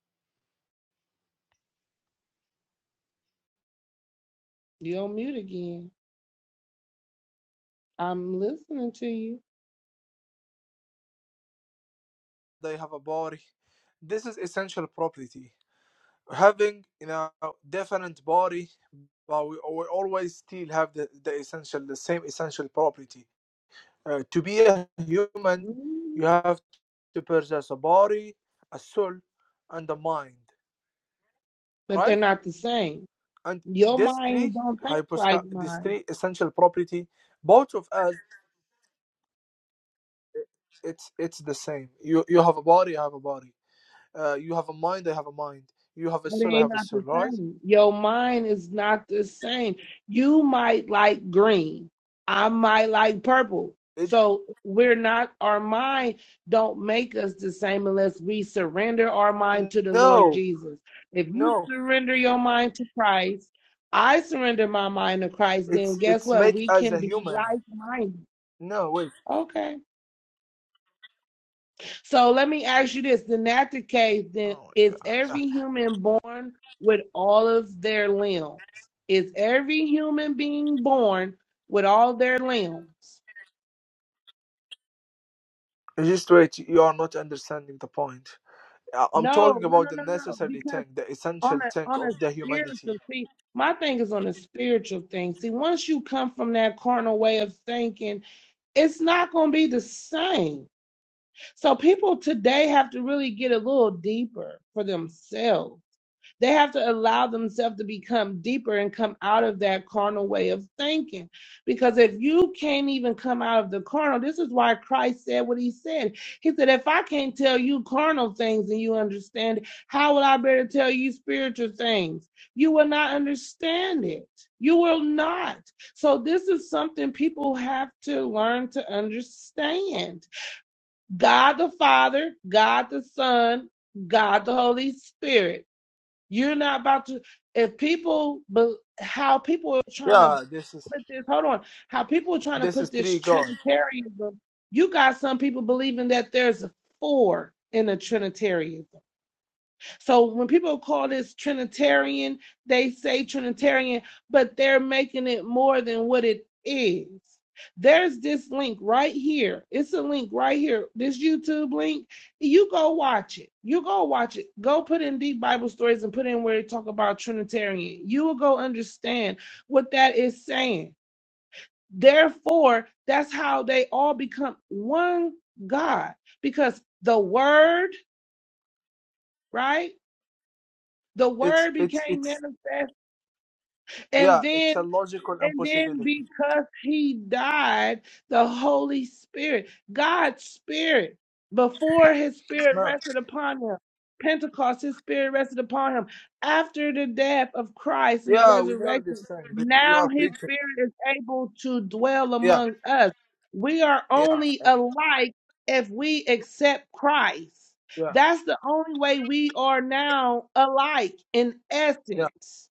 S1: You're on mute again. I'm listening to you.
S3: They have a body. This is essential property. Having, you know, different body, but we, we always still have the, the essential, the same essential property. Uh, to be a human, you
S1: Mhm.
S3: have to possess a body, a soul, and a mind,
S1: But they're
S3: right?
S1: not the same.
S3: And
S1: Your
S3: these
S1: mind
S3: three
S1: don't think like
S3: hyposta- these
S1: mine,
S3: three essential property, both of us it's it's the same. You you have a body, I have a body. Uh, you have a mind, I have a mind. You have a
S1: but it
S3: soul, I
S1: ain't
S3: have a
S1: not
S3: soul,
S1: the
S3: right?
S1: same. Your mind is not the same. You might like green. I might like purple.
S3: It,
S1: So we're not our mind don't make us the same unless we surrender our mind to the Lord
S3: no,
S1: Jesus. If you
S3: no.
S1: surrender your mind to Christ, I surrender my mind to Christ, then
S3: It's
S1: guess
S3: it's
S1: what?
S3: make
S1: We
S3: as
S1: can
S3: a
S1: be
S3: human.
S1: like minded.
S3: No, wait.
S1: Okay. So let me ask you this: Then that the case, then
S3: Oh my
S1: is
S3: God.
S1: every human born with all of their limbs? Is every human being born with all their limbs?
S3: Just wait. You are not understanding the point. I- I'm
S1: No,
S3: talking
S1: no,
S3: about
S1: no,
S3: the
S1: no, no.
S3: necessary
S1: Because
S3: thing, the
S1: on
S3: essential
S1: a
S3: thing
S1: on a
S3: of the
S1: spiritual
S3: humanity.
S1: see, my thing is on a spiritual thing. See, once you come from that carnal way of thinking, it's not going to be the same. So people today have to really get a little deeper for themselves They have to allow themselves to become deeper and come out of that carnal way of thinking. Because if you can't even come out of the carnal, this is why Christ said what he said. He said, If I can't tell you carnal things and you understand it, how will I better tell you spiritual things? You will not understand it. You will not. So, this is something people have to learn to understand. God the Father, God the Son, God the Holy Spirit. You're not about to. If people, how people are trying to
S3: Yeah, this is
S1: put this. Hold on, how people are trying to
S3: this is
S1: put this
S3: three God.
S1: Trinitarianism. You got some people believing that there's a four in a Trinitarian. So when people call this Trinitarian, they say Trinitarian, but they're making it more than what it is. There's this link right here. It's a link right here. This YouTube link. You go watch it. You go watch it. Go put in deep Bible stories and put in where they talk about Trinitarian. You will go understand what that is saying. Therefore, that's how they all become one God because the Word, right? The
S3: It's
S1: word
S3: it's
S1: became
S3: it's
S1: manifest. And
S3: yeah. It's
S1: then
S3: a logical
S1: and then
S3: impossibility.
S1: because he died, the Holy Spirit, God's Spirit, before his Spirit
S3: No.
S1: rested upon him, Pentecost, his Spirit rested upon him. After the death of Christ and the
S3: Yeah, we know this
S1: resurrection,
S3: thing. You are
S1: now his
S3: preaching.
S1: Spirit is able to dwell
S3: Yeah
S1: among us. We are
S3: Yeah,
S1: only alike if we accept Christ.
S3: yeah,
S1: That's the only way we are now alike in
S3: yeah.
S1: essence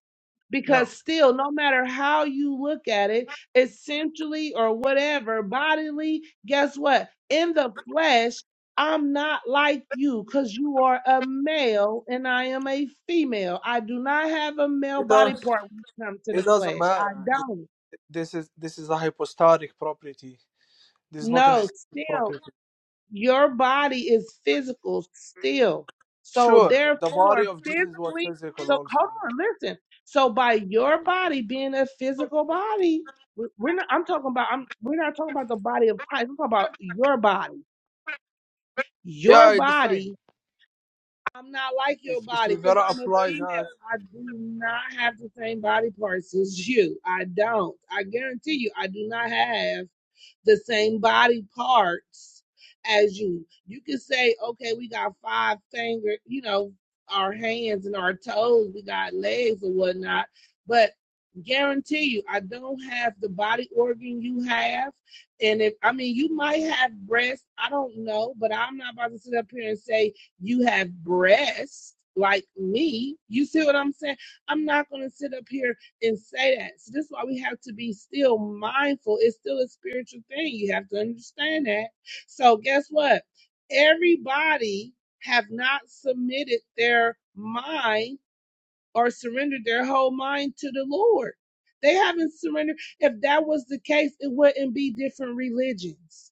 S1: because
S3: No,
S1: still no matter how you look at it essentially or whatever bodily guess what in the flesh i'm not like you because you are a male and i am a female i do not have a male
S3: it
S1: body
S3: does.
S1: part when it comes to the
S3: It doesn't
S1: flesh
S3: matter.
S1: i
S3: Th-
S1: don't
S3: This is this is a hypostatic property. This is not an
S1: no
S3: aesthetic
S1: still
S3: property.
S1: your body is physical still. So
S3: Sure, the body
S1: therefore,
S3: of Jesus was
S1: physically,
S3: physical
S1: so
S3: also.
S1: hold on, listen. So by your body being a physical body, we- we're not. I'm talking about. I'm. We're not talking about the body of Christ. I'm talking about your body. Your
S3: Yeah, it's the same.
S1: body. I'm not like your
S3: If if
S1: body
S3: you
S1: because
S3: gotta
S1: I'm a
S3: apply
S1: female.
S3: that.
S1: I do not have the same body parts as you. I don't. I guarantee you, I do not have the same body parts as you. You can say, okay, we got five finger, you know, our hands and our toes, we got legs or whatnot, but guarantee you, I don't have the body organ you have. And if I mean, you might have breasts, I don't know, but I'm not about to sit up here and say you have breasts like me. You see what I'm saying? I'm not going to sit up here and say that. So that's why we have to be still mindful. It's still a spiritual thing. You have to understand that. So guess what? Everybody have not submitted their mind or surrendered their whole mind to the Lord. They haven't surrendered. If that was the case, it wouldn't be different religions.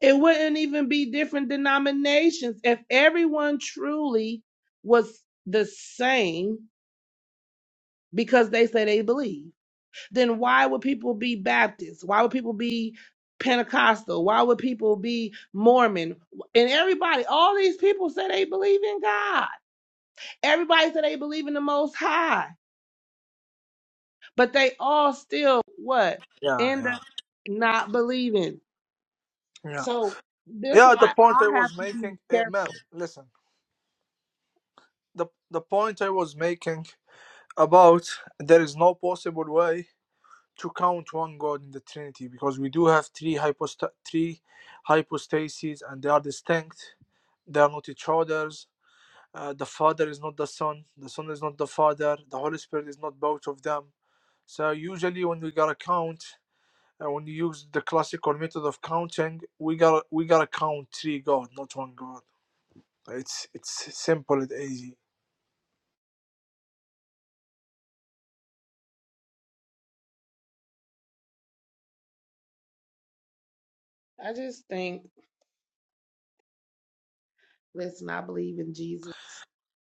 S1: It wouldn't even be different denominations. If everyone truly was the same because they say they believe then why would people be Baptist? Why would people be Pentecostal? Why would people be Mormon? And everybody, all these people say they believe in God. Everybody said they believe in the Most High, but they all still what
S3: Yeah,
S1: end up
S3: yeah,
S1: not believing.
S3: yeah,
S1: So this
S3: yeah. The
S1: why
S3: point I
S1: I have
S3: was
S1: to be
S3: making, eh,
S1: careful.
S3: ma'am, listen. The the point I was making about there is no possible way to count one God in the Trinity because we do have three hypost- three hypostases and they are distinct. They are not each other's. Uh, the Father is not the Son. The Son is not the Father. The Holy Spirit is not both of them. So usually when we gotta count, uh, when you use the classical method of counting, we gotta we gotta count three God, not one God. It's it's simple and easy.
S1: I just think let's not believe in Jesus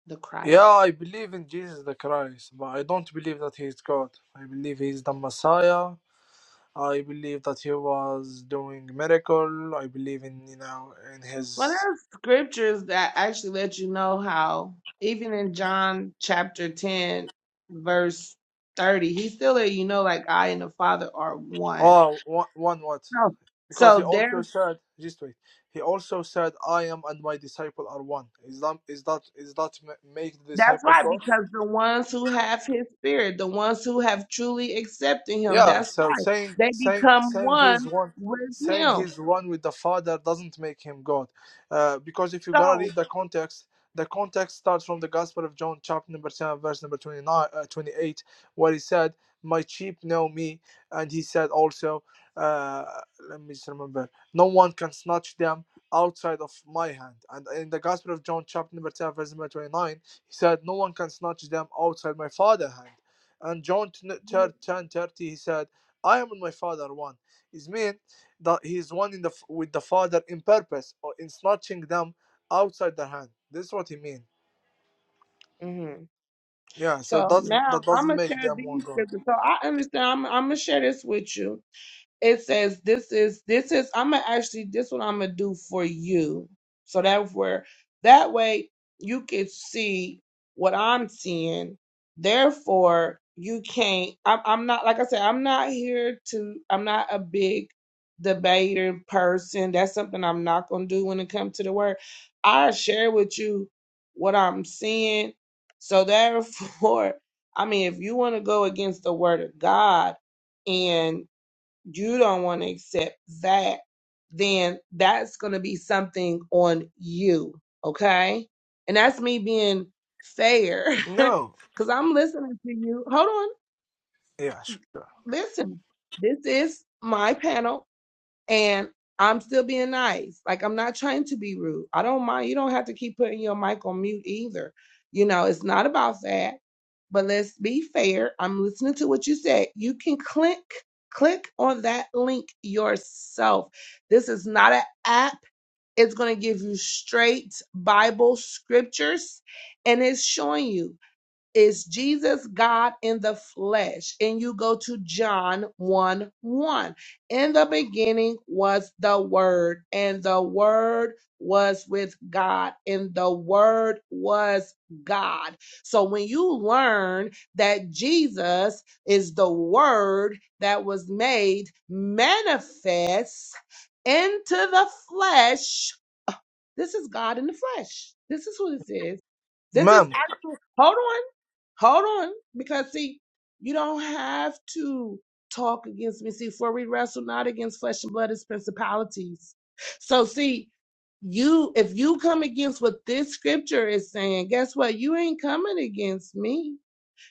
S1: the Christ.
S3: Yeah, I believe in Jesus the Christ, but I don't believe that he is God. I believe he is the Messiah I believe that he was doing miracle. I believe in you know in
S1: Well,
S3: his
S1: there's scriptures that actually let you know how, even in John chapter 10, verse 30, he still let you know, like, I and the Father are one.
S3: oh one, one what
S1: No.
S3: because he
S1: So
S3: also
S1: there,
S3: said just wait he also said I am and my disciple are one. Is that is that is that ma- make the
S1: that's
S3: disciple
S1: why,
S3: God?
S1: because the ones who have his spirit, the ones who have truly accepted him,
S3: Yeah,
S1: that's
S3: so
S1: why
S3: saying
S1: they
S3: saying
S1: become
S3: saying he's
S1: one
S3: one
S1: with
S3: saying
S1: him.
S3: he's one with the Father doesn't make him God, uh, because if you gotta
S1: So
S3: read the context, the context starts from the Gospel of John, chapter number seven, verse number 29, uh, 28, where he said, "My sheep know me," and he said also, uh, let me just remember, "No one can snatch them." outside of my hand and in the gospel of john chapter number 10 verse number 29 he said no one can snatch them outside my Father's hand and John
S1: Mhm.
S3: turned thirty he said, I am and my father one. Is mean that he is one in the with the father in purpose or in snatching them outside their hand. This is what he mean.
S1: Mhm.
S3: Yeah, so
S1: So
S3: doesn't
S1: now
S3: that
S1: I'm
S3: doesn't
S1: gonna share
S3: make them one
S1: these
S3: God.
S1: scriptures. So I understand. I'm, I'm gonna share this with you it says this is this is i'm gonna actually this what i'm gonna do for you so that where that way you can see what i'm seeing therefore you can't I'm, I'm not like i said i'm not here to i'm not a big debater person that's something i'm not gonna do when it comes to the word i share with you what i'm seeing so therefore <laughs> i mean if you want to go against the word of god you don't want to accept that, then that's going to be something on you. Okay. And that's me being fair <laughs>
S3: No.
S1: because I'm listening to you. Hold on.
S3: Yeah, sure.
S1: Listen, this is my panel and I'm still being nice. Like I'm not trying to be rude. I don't mind. You don't have to keep putting your mic on mute either. You know, it's not about that. But let's be fair. I'm listening to what you said. You can click click on that link yourself. This is not an app. It's going to give you straight Bible scriptures and it's showing you is Jesus God in the flesh. And you go to John 1 1. In the beginning was the Word, and the Word was with God, and the Word was God. So when you learn that Jesus is the Word that was made manifest into the flesh, this is God in the flesh. This is who this is. This is
S3: Ma'am,
S1: actual. Hold on. Hold on, because see, you don't have to talk against me. See, for we wrestle not against flesh and blood, it's principalities. So see, you if you come against what this scripture is saying, guess what? You ain't coming against me.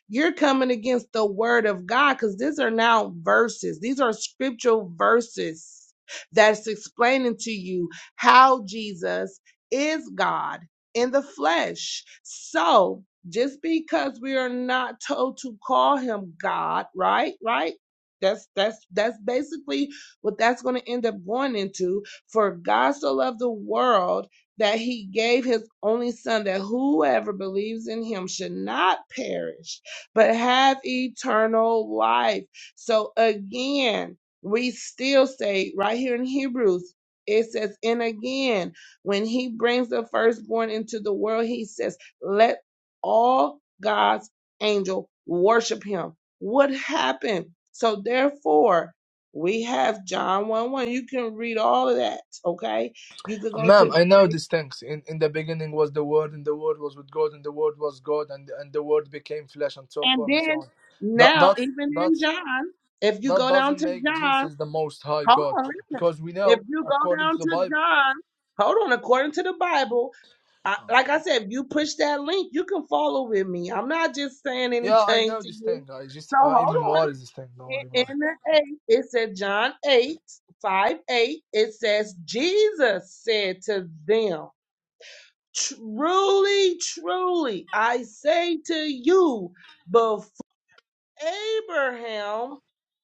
S1: You're coming against the word of God because these are now verses. These are scriptural verses that's explaining to you how Jesus is God in the flesh. So just because we are not told to call him God, right? Right? That's that's that's basically what that's going to end up going into. For God so loved the world that he gave his only son that whoever believes in him should not perish but have eternal life. So again, we still say right here in Hebrews, it says, and again, when he brings the firstborn into the world, he says, let all God's angel worship him. What happened? So therefore, we have John 1 1. You can read all of that, okay? You can go
S3: ma'am,
S1: to,
S3: I know these things. In in the beginning was the word, and the word was with God, and the word was God, and and the word became flesh, and so
S1: and
S3: forth and so
S1: then
S3: on. That
S1: now,
S3: that
S1: even
S3: that
S1: in John, if you
S3: that
S1: go down
S3: doesn't
S1: to
S3: make
S1: John,
S3: Jesus the most high
S1: Hold
S3: God.
S1: on, listen.
S3: Because we
S1: If
S3: know,
S1: you go
S3: according to
S1: down
S3: the
S1: to
S3: Bible
S1: John, hold on, according to the Bible, I,
S3: Oh,
S1: like I said, if you push that link, you can follow with me. I'm not just saying
S3: Yeah, I
S1: anything
S3: know
S1: to
S3: this
S1: you.
S3: thing. I just
S1: So
S3: uh, I
S1: hold on.
S3: memorize this thing. Don't worry
S1: In,
S3: about
S1: in the 8, it said John 8 5 8. it says, Jesus said to them, Truly, truly, I say to you, before Abraham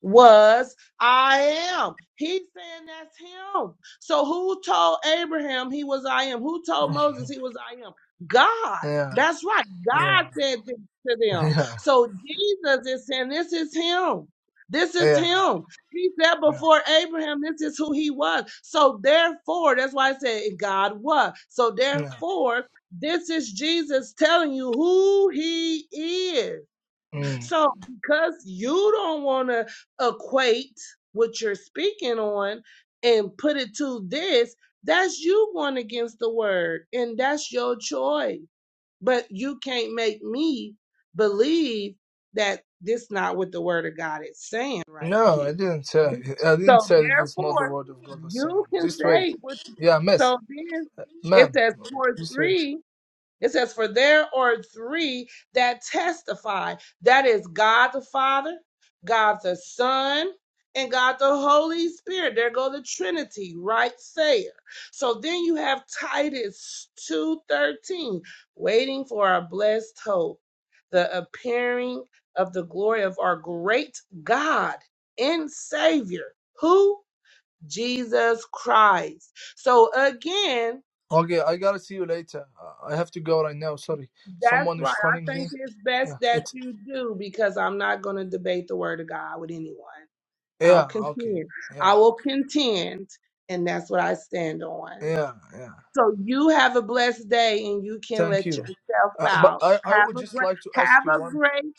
S1: was I am. He's saying that's him. So who told Abraham he was I am? Who told
S3: it. <laughs>
S1: Moses he was I am? God.
S3: Yeah,
S1: That's right.
S3: yeah,
S1: God said this to them.
S3: yeah,
S1: So Jesus is saying this is him. This is
S3: yeah,
S1: him. He said
S3: yeah,
S1: before Abraham, this is who he was. So therefore, that's why I said God was. So
S3: yeah.
S1: therefore, this is Jesus telling you who he is.
S3: Mm.
S1: So because you don't want to equate what you're speaking on and put it to this, that's you going against the word and that's your choice. But you can't make me believe that this not what the word of God is saying right
S3: No,
S1: here.
S3: I didn't say.
S1: Be-
S3: I didn't
S1: So
S3: say that it's not the
S1: therefore,
S3: word of God was saying.
S1: you can
S3: Just wait.
S1: say what
S3: Yeah, miss,
S1: so then it
S3: ma'am.
S1: says for
S3: Just wait.
S1: three. It says, For there are three that testify that is God the Father, God the Son, and God the Holy Spirit. There go the Trinity, right there. So then you have Titus 2:13, waiting for our blessed hope, the appearing of the glory of our great God and Savior, who? Jesus Christ. So again,
S3: Okay, I gotta see you later. I I have to go right now. Sorry,
S1: That's
S3: someone
S1: right.
S3: is calling
S1: I
S3: me.
S1: think it's best
S3: Yeah,
S1: that
S3: it's
S1: you do because I'm not going to debate the word of God with anyone. I'll
S3: yeah. Okay,
S1: contend. I
S3: yeah,
S1: will contend, and that's what I stand on.
S3: yeah, yeah.
S1: So you have a blessed day and you can
S3: Thank
S1: let
S3: you.
S1: yourself
S3: Uh, but
S1: out.
S3: I I
S1: Have
S3: would
S1: a
S3: just
S1: great
S3: like to ask
S1: have
S3: you
S1: a
S3: one
S1: great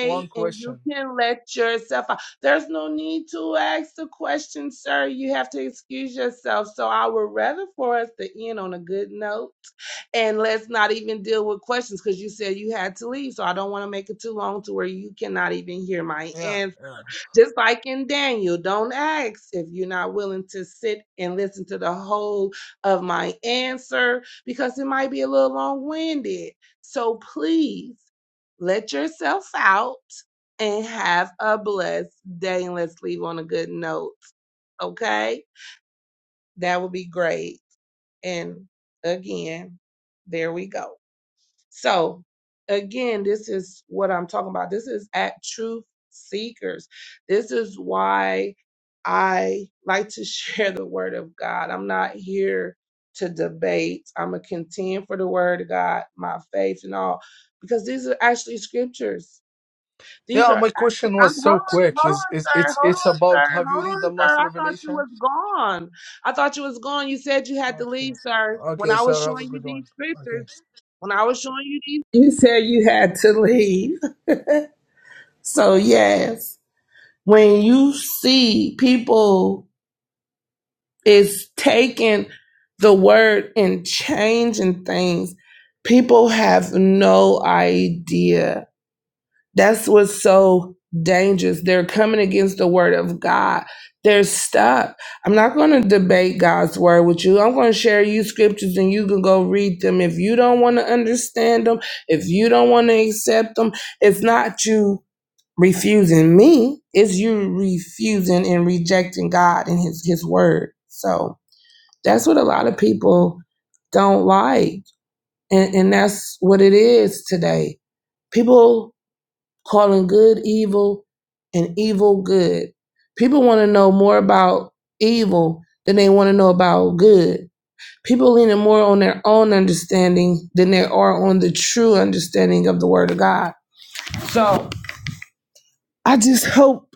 S3: one
S1: and you
S3: question.
S1: can let yourself out. There's no need to ask the question, sir. You have to excuse yourself. So I would rather for us to end on a good note and let's not even deal with questions because you said you had to leave. So I don't want to make it too long to where you cannot even hear my
S3: Yeah,
S1: answer.
S3: yeah.
S1: Just like in Daniel, don't ask if you're not willing to sit and listen to the whole of my answer because it might be a little long winded. So please let yourself out and have a blessed day. And let's leave on a good note. Okay? That would be great. And again, there we go. So again, this is what I'm talking about. This is at truth seekers. This is why I like to <laughs> share the word of God. I'm not here to debate. I'm a contend for the word of God, my faith and all, because these are actually scriptures. These
S3: Yeah,
S1: are
S3: my
S1: actually,
S3: question
S1: I'm,
S3: was
S1: hold
S3: so
S1: on,
S3: quick.
S1: hold
S3: Is
S1: on,
S3: is
S1: sir.
S3: it's
S1: Hold
S3: it's
S1: on, sir.
S3: about have you
S1: Hold
S3: read the
S1: on, sir.
S3: last
S1: I thought you
S3: revelation?
S1: was gone. I thought you was gone. You said you had to
S3: Okay.
S1: leave, sir. When
S3: Okay,
S1: I was
S3: so have a
S1: showing you
S3: good one.
S1: these
S3: Okay.
S1: scriptures. When I was showing you these, You said you had to leave. <laughs> So, yes, when you see people is taking the word and changing things, people have no idea. That's what's so dangerous. They're coming against the word of God. They're stuck. I'm not going to debate God's word with you. I'm going to share you scriptures and you can go read them. If you don't want to understand them, if you don't want to accept them, it's not you refusing me, it's you refusing and rejecting God and his his word. So, that's what a lot of people don't like. And and that's what it is today. People calling good evil and evil good. People want to know more about evil than they want to know about good. People leaning more on their own understanding than they are on the true understanding of the Word of God. So I just hope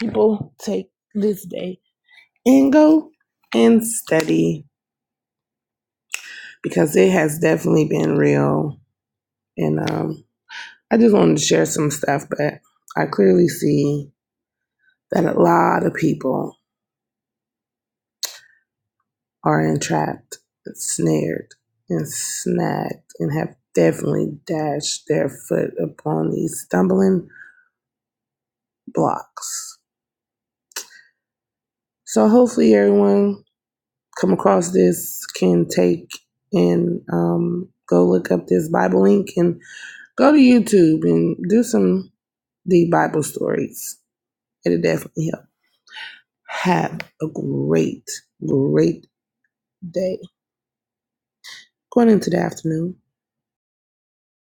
S1: people take this day and go and study because it has definitely been real. And um, I just wanted to share some stuff, but I clearly see that a lot of people are entrapped, snared, and snagged, and have definitely dashed their foot upon these stumbling blocks. So hopefully everyone come across this can take and um, go look up this Bible link and go to YouTube and do some the Bible stories. It'll definitely help. Have a great, great day. Going into the afternoon.